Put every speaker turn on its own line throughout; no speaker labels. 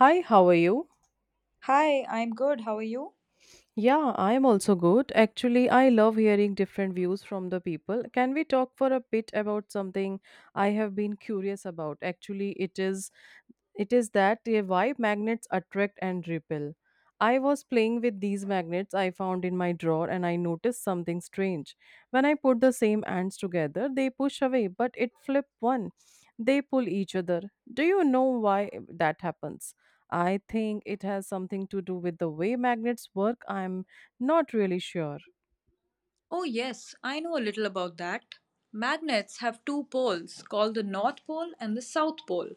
Hi, how are you?
Hi, I'm good. How are you?
Yeah, I am also good. Actually, I love hearing different views from the people. Can we talk for a bit about something I have been curious about? Actually, it is that why magnets attract and repel. I was playing with these magnets I found in my drawer and I noticed something strange. When I put the same ants together, they push away, but it flip one. They pull each other. Do you know why that happens? I think it has something to do with the way magnets work. I'm not really sure.
Oh, yes, I know a little about that. Magnets have two poles called the North Pole and the South Pole.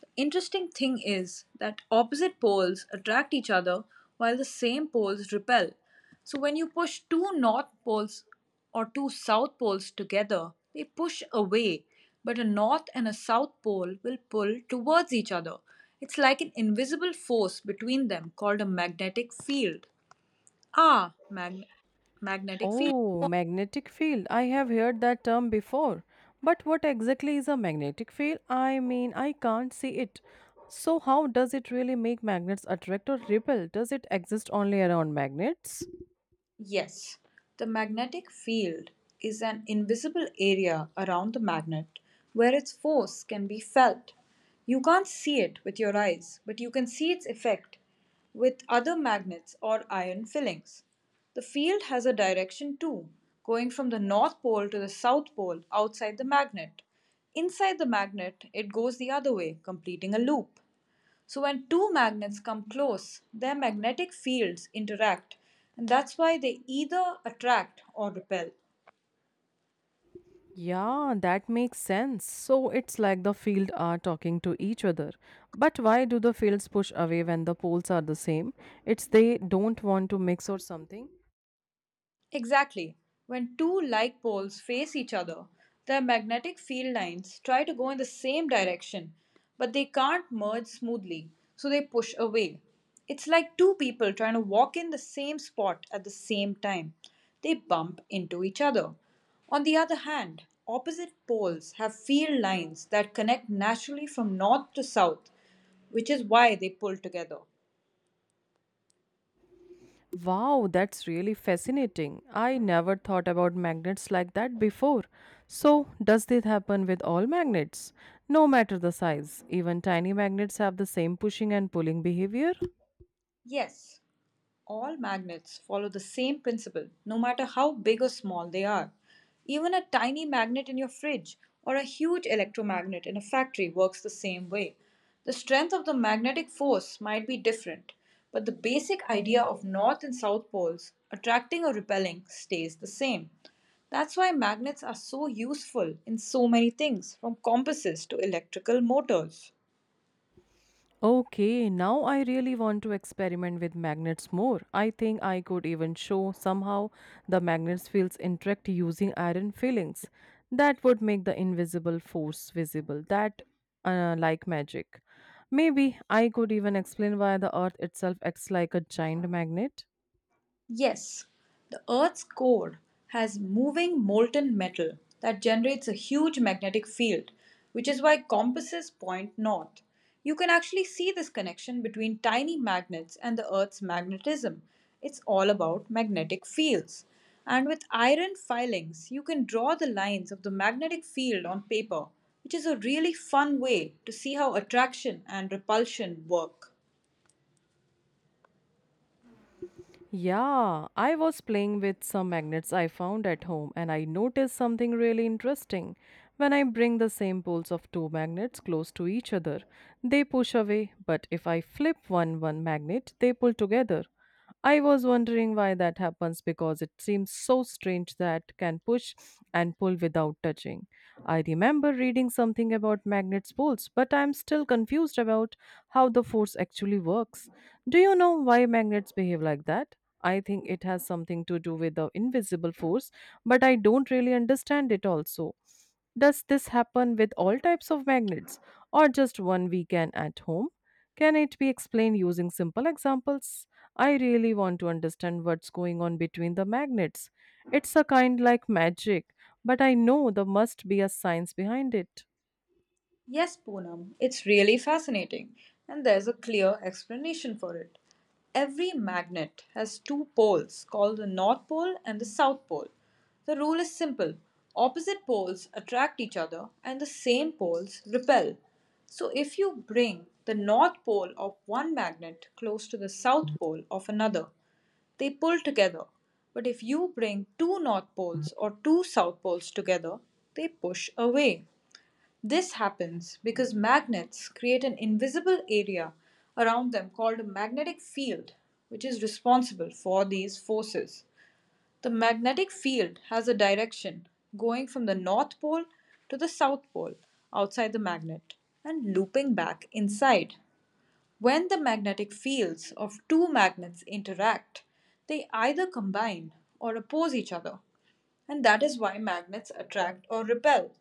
The interesting thing is that opposite poles attract each other while the same poles repel. So, when you push two North Poles or two South Poles together, they push away, but a North and a South Pole will pull towards each other. It's like an invisible force between them called a magnetic field. Ah, mag- Magnetic field.
Oh, magnetic field. I have heard that term before. But what exactly is a magnetic field? I mean, I can't see it. So, how does it really make magnets attract or repel? Does it exist only around magnets?
Yes, the magnetic field is an invisible area around the magnet where its force can be felt. You can't see it with your eyes, but you can see its effect with other magnets or iron fillings. The field has a direction too, going from the north pole to the south pole outside the magnet. Inside the magnet, it goes the other way, completing a loop. So when two magnets come close, their magnetic fields interact, and that's why they either attract or repel.
Yeah, that makes sense. So it's like the field are talking to each other. But why do the fields push away when the poles are the same? It's they don't want to mix or something.
Exactly. When two like poles face each other, their magnetic field lines try to go in the same direction, but they can't merge smoothly, so they push away. It's like two people trying to walk in the same spot at the same time. They bump into each other. On the other hand, opposite poles have field lines that connect naturally from north to south, which is why they pull together.
Wow, that's really fascinating. I never thought about magnets like that before. So, does this happen with all magnets? No matter the size, even tiny magnets have the same pushing and pulling behavior?
Yes, all magnets follow the same principle, no matter how big or small they are. Even a tiny magnet in your fridge or a huge electromagnet in a factory works the same way. The strength of the magnetic force might be different, but the basic idea of north and south poles attracting or repelling stays the same. That's why magnets are so useful in so many things, from compasses to electrical motors.
Okay, now I really want to experiment with magnets more. I think I could even show somehow the magnets fields interact using iron fillings. That would make the invisible force visible. That Like magic. Maybe I could even explain why the earth itself acts like a giant magnet.
Yes, the Earth's core has moving molten metal that generates a huge magnetic field, which is why compasses point north. You can actually see this connection between tiny magnets and the Earth's magnetism. It's all about magnetic fields. And with iron filings, you can draw the lines of the magnetic field on paper, which is a really fun way to see how attraction and repulsion work.
Yeah, I was playing with some magnets I found at home and I noticed something really interesting. When I bring the same poles of two magnets close to each other, they push away, but if I flip one magnet, they pull together. I was wondering why that happens because it seems so strange that can push and pull without touching. I remember reading something about magnets' poles, but I'm still confused about how the force actually works. Do you know why magnets behave like that? I think it has something to do with the invisible force, but I don't really understand it also. Does this happen with all types of magnets or just one we can at home? Can it be explained using simple examples? I really want to understand what's going on between the magnets. It's a kind like magic, but I know there must be a science behind it.
Yes, Poonam, it's really fascinating, and there's a clear explanation for it. Every magnet has two poles called the North Pole and the South Pole. The rule is simple: opposite poles attract each other, and the same poles repel. So, if you bring the North Pole of one magnet close to the South Pole of another, they pull together. But if you bring two North Poles or two South Poles together, they push away. This happens because magnets create an invisible area around them called a magnetic field, which is responsible for these forces. The magnetic field has a direction going from the North Pole to the South Pole outside the magnet and looping back inside. When the magnetic fields of two magnets interact, they either combine or oppose each other, and that is why magnets attract or repel.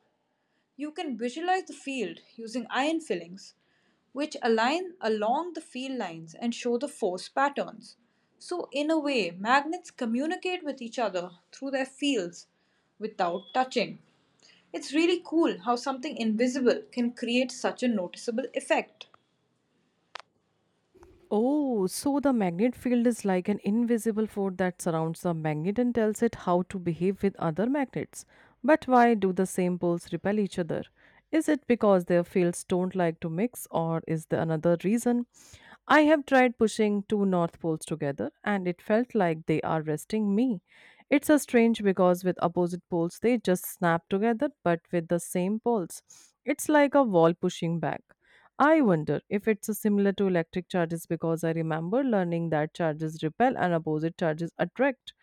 You can visualize the field using iron fillings, which align along the field lines and show the force patterns. So, in a way, magnets communicate with each other through their fields without touching. It's really cool how something invisible can create such a noticeable effect.
Oh, so the magnet field is like an invisible force that surrounds the magnet and tells it how to behave with other magnets. But why do the same poles repel each other? Is it because their fields don't like to mix, or is there another reason? I have tried pushing two north poles together, and it felt like they are resting me. It's a strange because with opposite poles they just snap together, but with the same poles, it's like a wall pushing back. I wonder if it's a similar to electric charges because I remember learning that charges repel and opposite charges attract.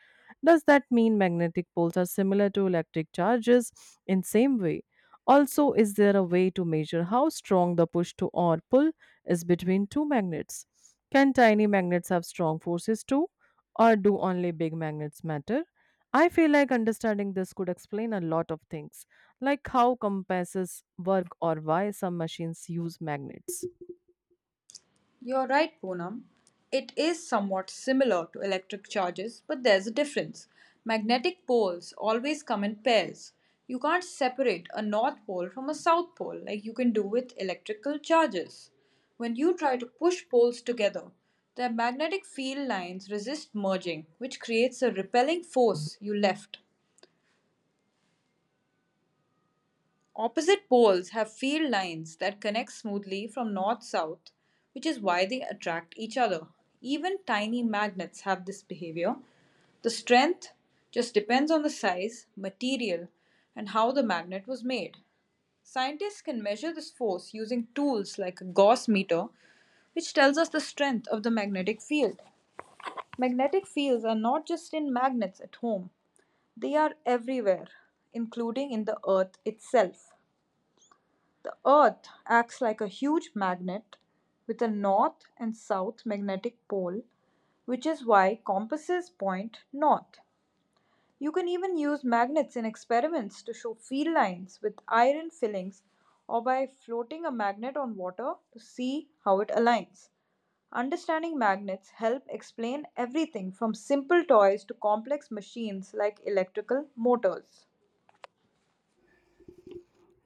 Does that mean magnetic poles are similar to electric charges in same way? Also, is there a way to measure how strong the push to or pull is between two magnets? Can tiny magnets have strong forces too? Or do only big magnets matter? I feel like understanding this could explain a lot of things, like how compasses work or why some machines use magnets.
You're right, Poonam. It is somewhat similar to electric charges, but there's a difference. Magnetic poles always come in pairs. You can't separate a north pole from a south pole like you can do with electrical charges. When you try to push poles together, their magnetic field lines resist merging, which creates a repelling force you left. Opposite poles have field lines that connect smoothly from north south, which is why they attract each other. Even tiny magnets have this behavior. The strength just depends on the size, material, and how the magnet was made. Scientists can measure this force using tools like a Gauss meter, which tells us the strength of the magnetic field. Magnetic fields are not just in magnets at home, they are everywhere, including in the Earth itself. The Earth acts like a huge magnet with a north and south magnetic pole, which is why compasses point north. You can even use magnets in experiments to show field lines with iron fillings or by floating a magnet on water to see how it aligns. Understanding magnets help explain everything from simple toys to complex machines like electrical motors.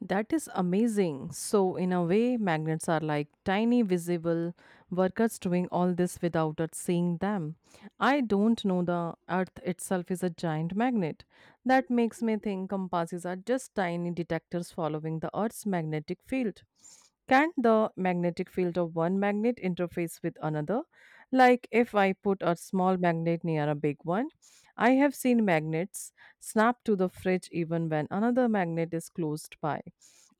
That is amazing. So, in a way, magnets are like tiny visible workers doing all this without us seeing them. I don't know the earth itself is a giant magnet. That makes me think compasses are just tiny detectors following the earth's magnetic field. Can't the magnetic field of one magnet interface with another? Like if I put a small magnet near a big one, I have seen magnets snap to the fridge even when another magnet is closed by.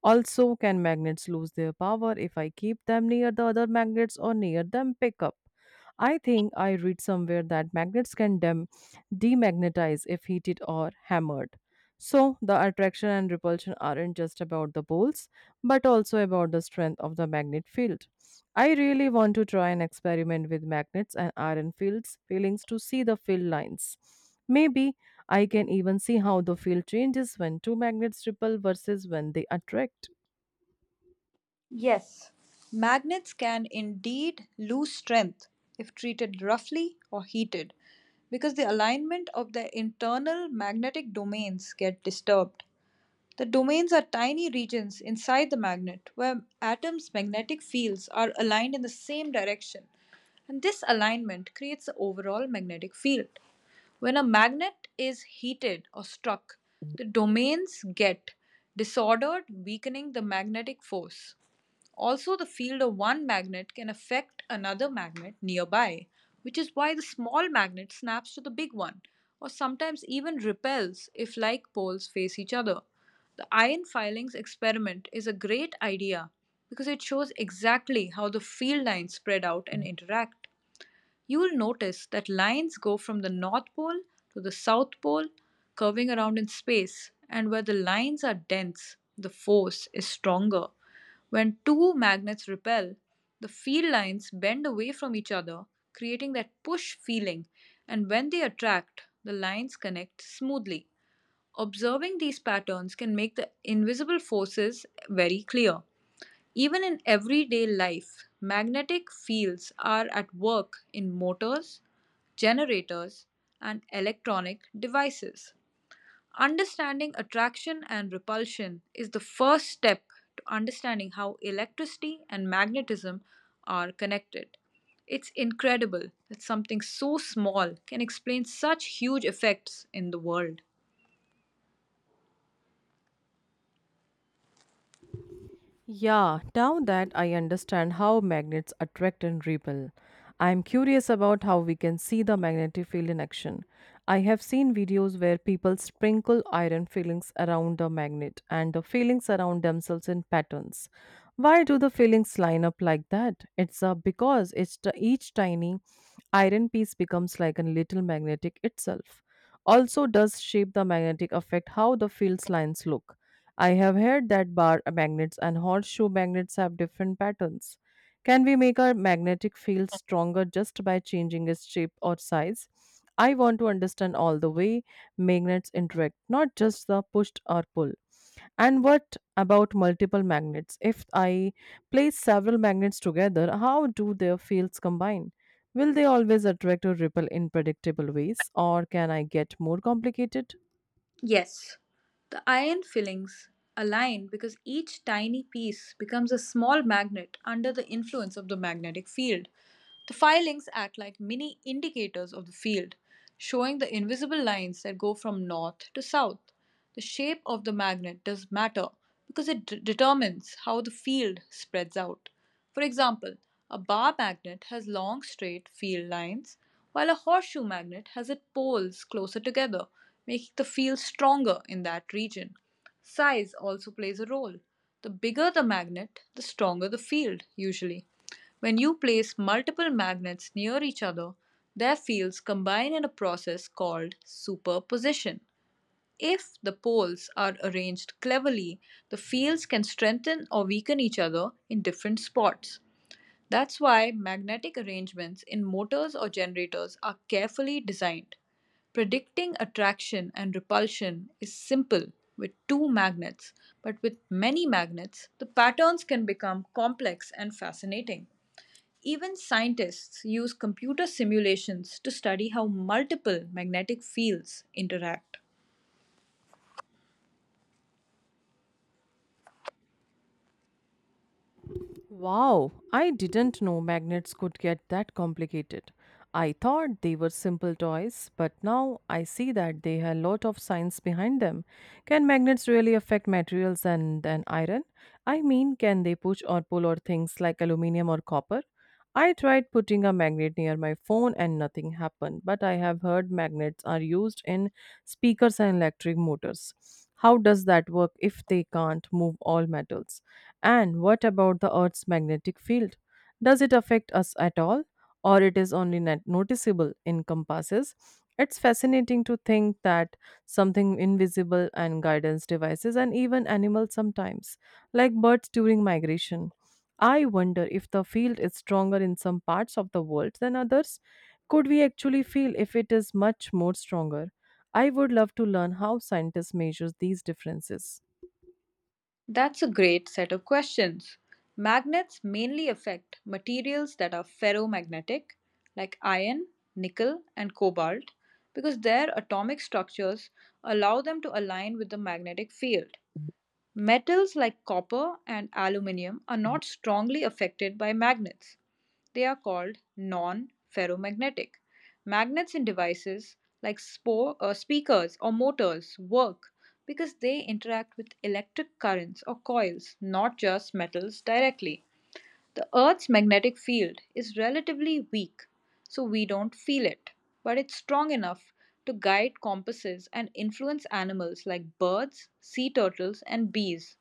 Also, can magnets lose their power if I keep them near the other magnets or near them pickup? I think I read somewhere that magnets can demagnetize if heated or hammered. So, the attraction and repulsion aren't just about the poles, but also about the strength of the magnet field. I really want to try and experiment with magnets and iron fields feelings to see the field lines. Maybe I can even see how the field changes when two magnets repel versus when they attract.
Yes, magnets can indeed lose strength if treated roughly or heated because the alignment of their internal magnetic domains get disturbed. The domains are tiny regions inside the magnet where atoms' magnetic fields are aligned in the same direction, and this alignment creates the overall magnetic field. When a magnet is heated or struck, the domains get disordered, weakening the magnetic force. Also, the field of one magnet can affect another magnet nearby, which is why the small magnet snaps to the big one, or sometimes even repels if like poles face each other. The iron filings experiment is a great idea because it shows exactly how the field lines spread out and interact. You will notice that lines go from the North Pole to the South Pole, curving around in space, and where the lines are dense, the force is stronger. When two magnets repel, the field lines bend away from each other, creating that push feeling, and when they attract, the lines connect smoothly. Observing these patterns can make the invisible forces very clear. Even in everyday life, magnetic fields are at work in motors, generators, and electronic devices. Understanding attraction and repulsion is the first step to understanding how electricity and magnetism are connected. It's incredible that something so small can explain such huge effects in the world.
Yeah, now that I understand how magnets attract and repel, I am curious about how we can see the magnetic field in action. I have seen videos where people sprinkle iron filings around a magnet and the filings around themselves in patterns. Why do the filings line up like that? It's because each tiny iron piece becomes like a little magnetic itself. Also, does shape the magnetic affect how the fields lines look? I have heard that bar magnets and horseshoe magnets have different patterns. Can we make our magnetic field stronger just by changing its shape or size? I want to understand all the way magnets interact, not just the push or pull. And what about multiple magnets? If I place several magnets together, how do their fields combine? Will they always attract or repel in predictable ways, or can I get more complicated?
Yes, the iron fillings align because each tiny piece becomes a small magnet under the influence of the magnetic field. The filings act like mini indicators of the field, showing the invisible lines that go from north to south. The shape of the magnet does matter because it determines how the field spreads out. For example, a bar magnet has long straight field lines, while a horseshoe magnet has its poles closer together, making the field stronger in that region. Size also plays a role. The bigger the magnet, the stronger the field, usually. When you place multiple magnets near each other, their fields combine in a process called superposition. If the poles are arranged cleverly, the fields can strengthen or weaken each other in different spots. That's why magnetic arrangements in motors or generators are carefully designed. Predicting attraction and repulsion is simple with two magnets, but with many magnets, the patterns can become complex and fascinating. Even scientists use computer simulations to study how multiple magnetic fields interact.
Wow, I didn't know magnets could get that complicated. I thought they were simple toys, but now I see that they have a lot of science behind them. Can magnets really affect materials and iron? I mean, can they push or pull or things like aluminum or copper? I tried putting a magnet near my phone and nothing happened, but I have heard magnets are used in speakers and electric motors. How does that work if they can't move all metals? And what about the Earth's magnetic field? Does it affect us at all, or it is only not noticeable in compasses? It's fascinating to think that something invisible and guidance devices and even animals sometimes, like birds during migration. I wonder if the field is stronger in some parts of the world than others. Could we actually feel if it is much more stronger? I would love to learn how scientists measure these differences.
That's a great set of questions. Magnets mainly affect materials that are ferromagnetic, like iron, nickel, and cobalt, because their atomic structures allow them to align with the magnetic field. Metals like copper and aluminium are not strongly affected by magnets. They are called non ferromagnetic. Magnets in devices like speakers or motors work because they interact with electric currents or coils, not just metals directly. The Earth's magnetic field is relatively weak, so we don't feel it, but it's strong enough to guide compasses and influence animals like birds, sea turtles, and bees.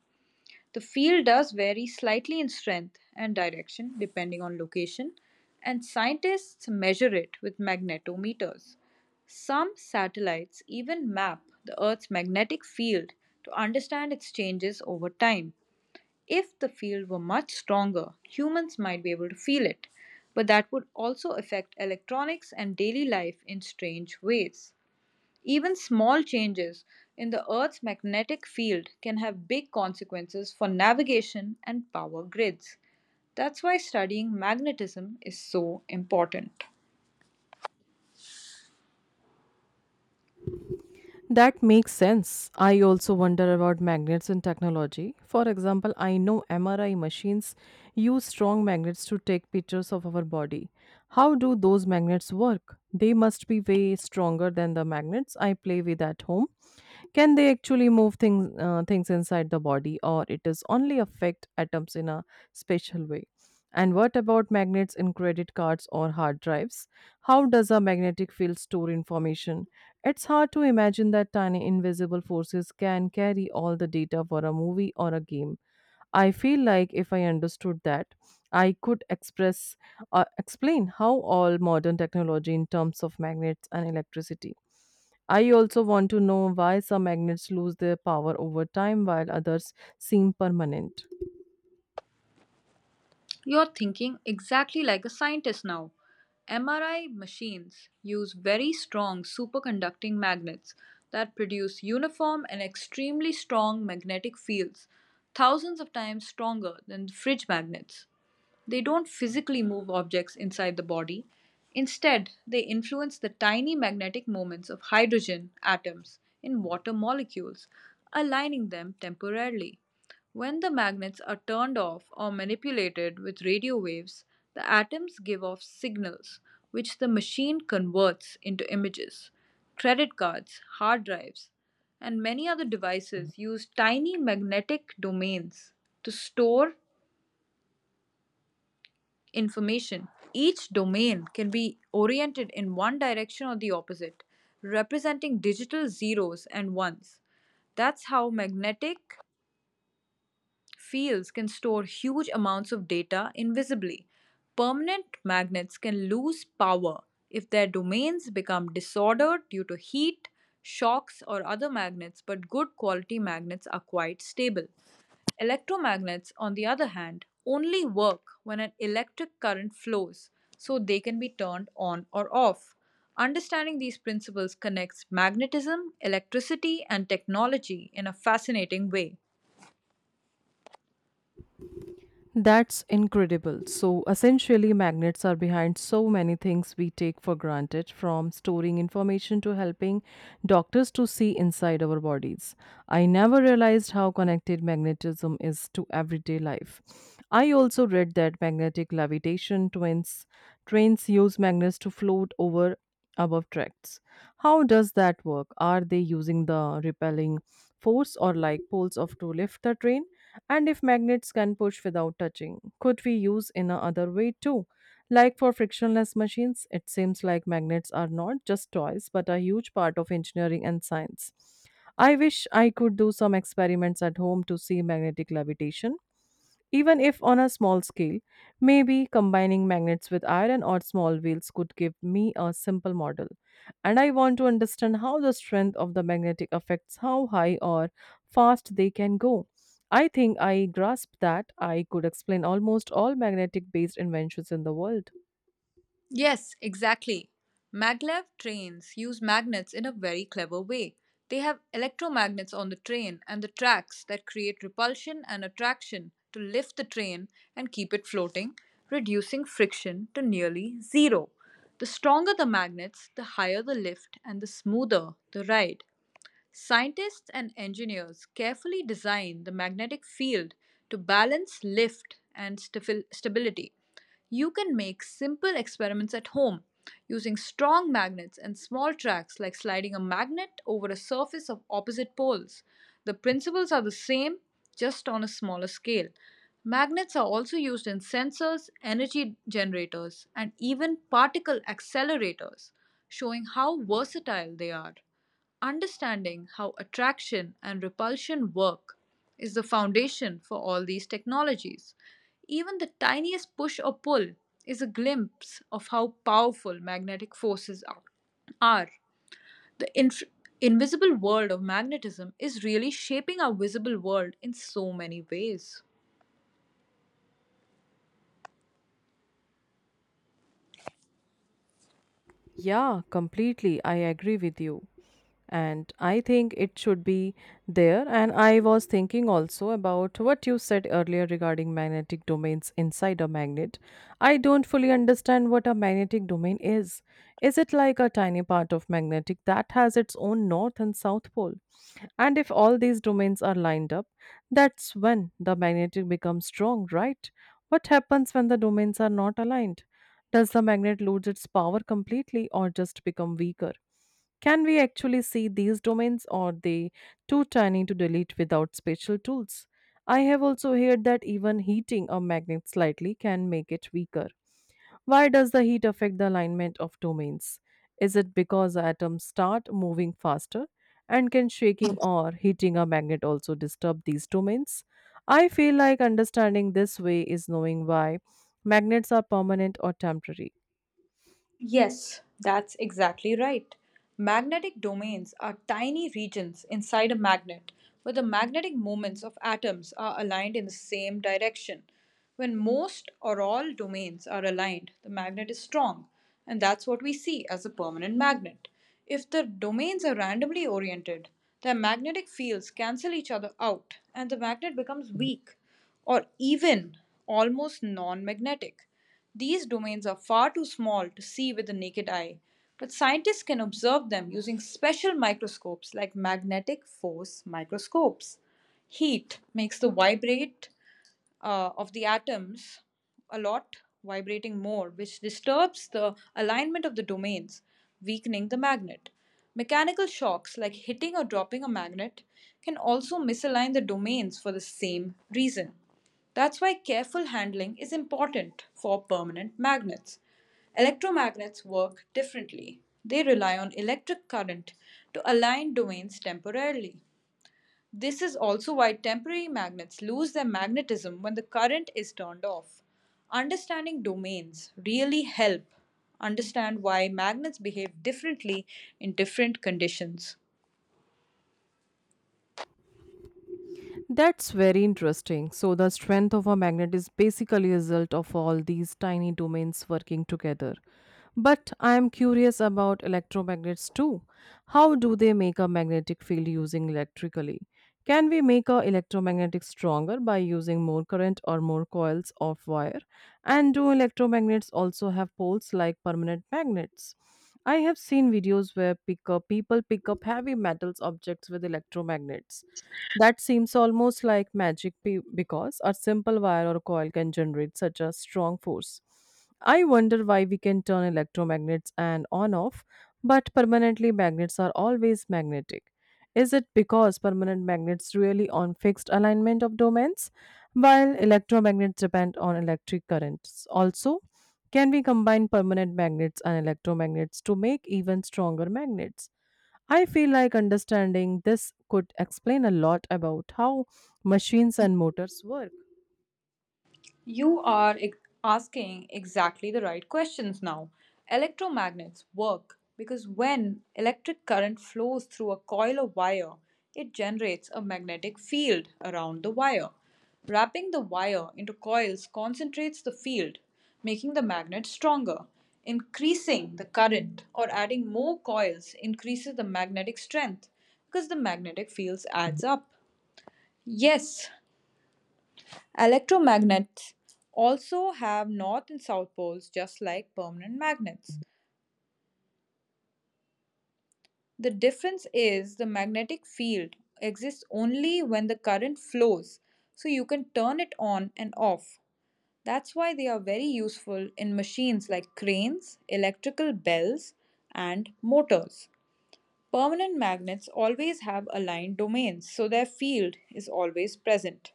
The field does vary slightly in strength and direction depending on location, and scientists measure it with magnetometers. Some satellites even map the Earth's magnetic field to understand its changes over time. If the field were much stronger, humans might be able to feel it, but that would also affect electronics and daily life in strange ways. Even small changes in the Earth's magnetic field can have big consequences for navigation and power grids. That's why studying magnetism is so important.
That makes sense. I also wonder about magnets in technology. For example, I know MRI machines use strong magnets to take pictures of our body. How do those magnets work? They must be way stronger than the magnets I play with at home. Can they actually move things inside the body, or it is only affect atoms in a special way? And what about magnets in credit cards or hard drives? How does a magnetic field store information? It's hard to imagine that tiny invisible forces can carry all the data for a movie or a game. I feel like if I understood that, I could express explain how all modern technology in terms of magnets and electricity. I also want to know why some magnets lose their power over time while others seem permanent.
You're thinking exactly like a scientist now. MRI machines use very strong superconducting magnets that produce uniform and extremely strong magnetic fields, thousands of times stronger than fridge magnets. They don't physically move objects inside the body. Instead, they influence the tiny magnetic moments of hydrogen atoms in water molecules, aligning them temporarily. When the magnets are turned off or manipulated with radio waves, the atoms give off signals, which the machine converts into images. Credit cards, hard drives, and many other devices use tiny magnetic domains to store information. Each domain can be oriented in one direction or the opposite, representing digital zeros and ones. That's how magnetic fields can store huge amounts of data invisibly. Permanent magnets can lose power if their domains become disordered due to heat, shocks, or other magnets, but good quality magnets are quite stable. Electromagnets, on the other hand, only work when an electric current flows, so they can be turned on or off. Understanding these principles connects magnetism, electricity, and technology in a fascinating way.
That's incredible. So, essentially, magnets are behind so many things we take for granted, from storing information to helping doctors to see inside our bodies. I never realized how connected magnetism is to everyday life. I also read that magnetic levitation twins trains use magnets to float over above tracts. How does that work? Are they using the repelling force or like poles of to lift the train? And if magnets can push without touching, could we use in a other way too? Like for frictionless machines, it seems like magnets are not just toys but a huge part of engineering and science. I wish I could do some experiments at home to see magnetic levitation, even if on a small scale. Maybe combining magnets with iron or small wheels could give me a simple model. And I want to understand how the strength of the magnetic affects how high or fast they can go. I think I grasped that I could explain almost all magnetic based inventions in the world.
Yes, exactly. Maglev trains use magnets in a very clever way. They have electromagnets on the train and the tracks that create repulsion and attraction to lift the train and keep it floating, reducing friction to nearly zero. The stronger the magnets, the higher the lift and the smoother the ride. Scientists and engineers carefully design the magnetic field to balance lift and stability. You can make simple experiments at home using strong magnets and small tracks, like sliding a magnet over a surface of opposite poles. The principles are the same, just on a smaller scale. Magnets are also used in sensors, energy generators, and even particle accelerators, showing how versatile they are. Understanding how attraction and repulsion work is the foundation for all these technologies. Even the tiniest push or pull is a glimpse of how powerful magnetic forces are. The inf- Invisible world of magnetism is really shaping our visible world in so many ways.
Yeah, completely. I agree with you. And I think it should be there. And I was thinking also about what you said earlier regarding magnetic domains inside a magnet. I don't fully understand what a magnetic domain is. Is it like a tiny part of magnetic that has its own north and south pole? And if all these domains are lined up, that's when the magnetic becomes strong, right? What happens when the domains are not aligned? Does the magnet lose its power completely or just become weaker? Can we actually see these domains or are they too tiny to delete without special tools? I have also heard that even heating a magnet slightly can make it weaker. Why does the heat affect the alignment of domains? Is it because atoms start moving faster? And can shaking or heating a magnet also disturb these domains? I feel like understanding this way is knowing why magnets are permanent or temporary.
Yes, that's exactly right. Magnetic domains are tiny regions inside a magnet where the magnetic moments of atoms are aligned in the same direction. When most or all domains are aligned, the magnet is strong, and that's what we see as a permanent magnet. If the domains are randomly oriented, their magnetic fields cancel each other out, and the magnet becomes weak or even almost non magnetic. These domains are far too small to see with the naked eye, but scientists can observe them using special microscopes like magnetic force microscopes. Heat makes the vibrate of the atoms a lot, vibrating more, which disturbs the alignment of the domains, weakening the magnet. Mechanical shocks, like hitting or dropping a magnet, can also misalign the domains for the same reason. That's why careful handling is important for permanent magnets. Electromagnets work differently. They rely on electric current to align domains temporarily. This is also why temporary magnets lose their magnetism when the current is turned off. Understanding domains really help understand why magnets behave differently in different conditions.
That's very interesting. So the strength of a magnet is basically a result of all these tiny domains working together. But I am curious about electromagnets too. How do they make a magnetic field using electrically? Can we make a electromagnetic stronger by using more current or more coils of wire? And do electromagnets also have poles like permanent magnets? I have seen videos where people pick up heavy metals objects with electromagnets. That seems almost like magic because a simple wire or coil can generate such a strong force. I wonder why we can turn electromagnets and on off, but permanently magnets are always magnetic. Is it because permanent magnets really on fixed alignment of domains, while electromagnets depend on electric currents? Also, can we combine permanent magnets and electromagnets to make even stronger magnets? I feel like understanding this could explain a lot about how machines and motors work.
You are ex- Asking exactly the right questions now. Electromagnets work because when electric current flows through a coil of wire, it generates a magnetic field around the wire. Wrapping the wire into coils concentrates the field, making the magnet stronger. Increasing the current or adding more coils increases the magnetic strength because the magnetic fields adds up. Yes, Electromagnets also have north and south poles just like permanent magnets. The difference is the magnetic field exists only when the current flows, so you can turn it on and off. That's why they are very useful in machines like cranes, electrical bells, and motors. Permanent magnets always have aligned domains, so their field is always present.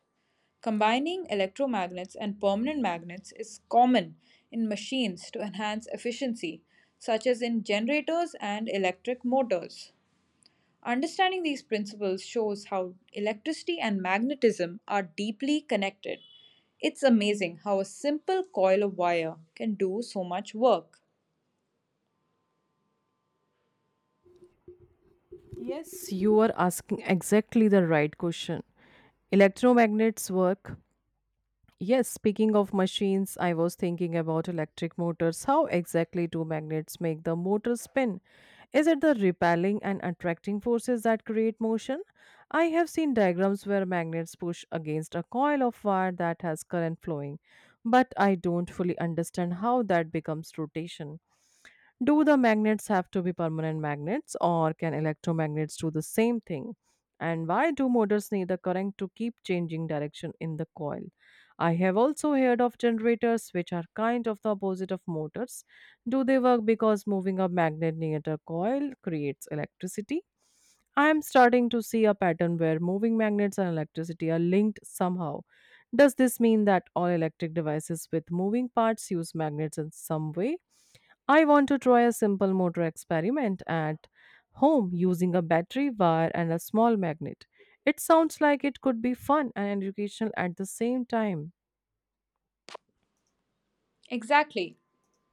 Combining electromagnets and permanent magnets is common in machines to enhance efficiency, such as in generators and electric motors. Understanding these principles shows how electricity and magnetism are deeply connected. It's amazing how a simple coil of wire can do so much work.
Yes, you are asking exactly the right question. Electromagnets work. Yes, speaking of machines, I was thinking about electric motors. How exactly do magnets make the motor spin? Is it the repelling and attracting forces that create motion? I have seen diagrams where magnets push against a coil of wire that has current flowing, but I don't fully understand how that becomes rotation. Do the magnets have to be permanent magnets or can electromagnets do the same thing? And why do motors need the current to keep changing direction in the coil? I have also heard of generators which are kind of the opposite of motors. Do they work because moving a magnet near the coil creates electricity? I am starting to see a pattern where moving magnets and electricity are linked somehow. Does this mean that all electric devices with moving parts use magnets in some way? I want to try a simple motor experiment at home using a battery wire and a small magnet. It sounds like it could be fun and educational at the same time.
Exactly.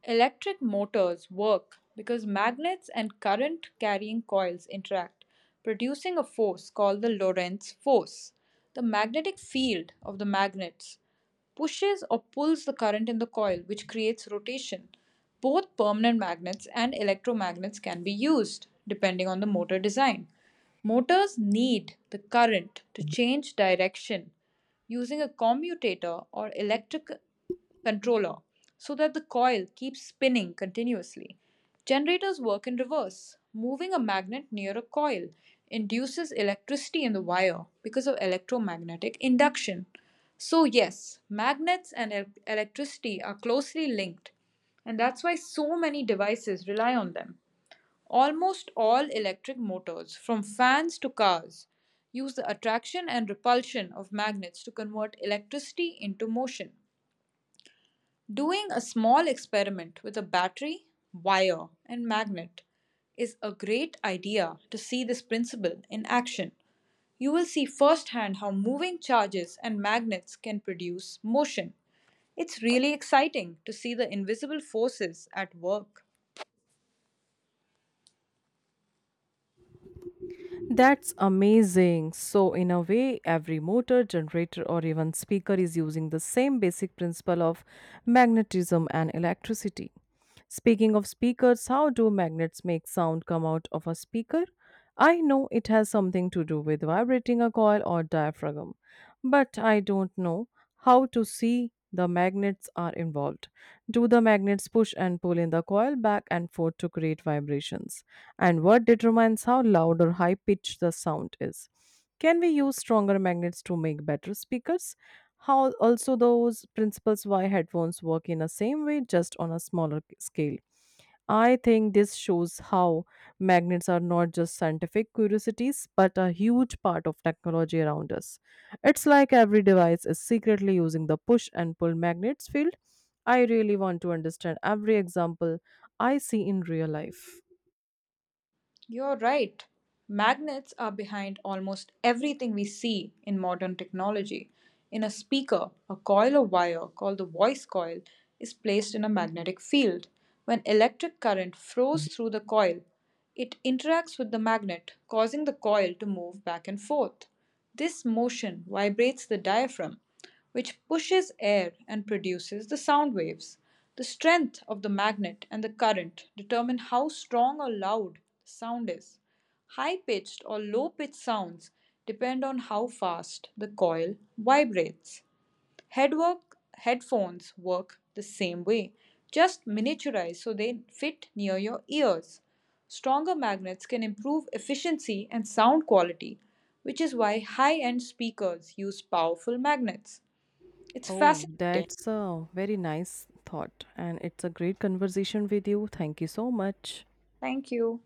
Electric motors work because magnets and current carrying coils interact, producing a force called the Lorentz force. The magnetic field of the magnets pushes or pulls the current in the coil, which creates rotation. Both permanent magnets and electromagnets can be used, depending on the motor design. Motors need the current to change direction using a commutator or electric controller, so that the coil keeps spinning continuously. Generators work in reverse. Moving a magnet near a coil induces electricity in the wire because of electromagnetic induction. So, yes, magnets and electricity are closely linked, and that's why so many devices rely on them. Almost all electric motors, from fans to cars, use the attraction and repulsion of magnets to convert electricity into motion. Doing a small experiment with a battery, wire, and magnet is a great idea to see this principle in action. You will see firsthand how moving charges and magnets can produce motion. It's really exciting to see the invisible forces at work.
That's amazing. So, in a way, every motor, generator, or even speaker is using the same basic principle of magnetism and electricity. Speaking of speakers, how do magnets make sound come out of a speaker? I know it has something to do with vibrating a coil or diaphragm, but I don't know how to see the magnets are involved. Do the magnets push and pull in the coil back and forth to create vibrations? And what determines how loud or high pitched the sound is? Can we use stronger magnets to make better speakers? How also those principles why headphones work in the same way just on a smaller scale. I think this shows how magnets are not just scientific curiosities but a huge part of technology around us. It's like every device is secretly using the push and pull magnets field. I really want to understand every example I see in real life.
You're right. Magnets are behind almost everything we see in modern technology. In a speaker, a coil of wire called the voice coil is placed in a magnetic field. When electric current flows through the coil, it interacts with the magnet, causing the coil to move back and forth. This motion vibrates the diaphragm, which pushes air and produces the sound waves. The strength of the magnet and the current determine how strong or loud the sound is. High pitched or low pitched sounds depend on how fast the coil vibrates. Headwork headphones work the same way, just miniaturized so they fit near your ears. Stronger magnets can improve efficiency and sound quality, which is why high end speakers use powerful magnets. It's
Oh,
fascinating.
that's a very nice thought, and it's a great conversation with you. Thank you so much.
Thank you.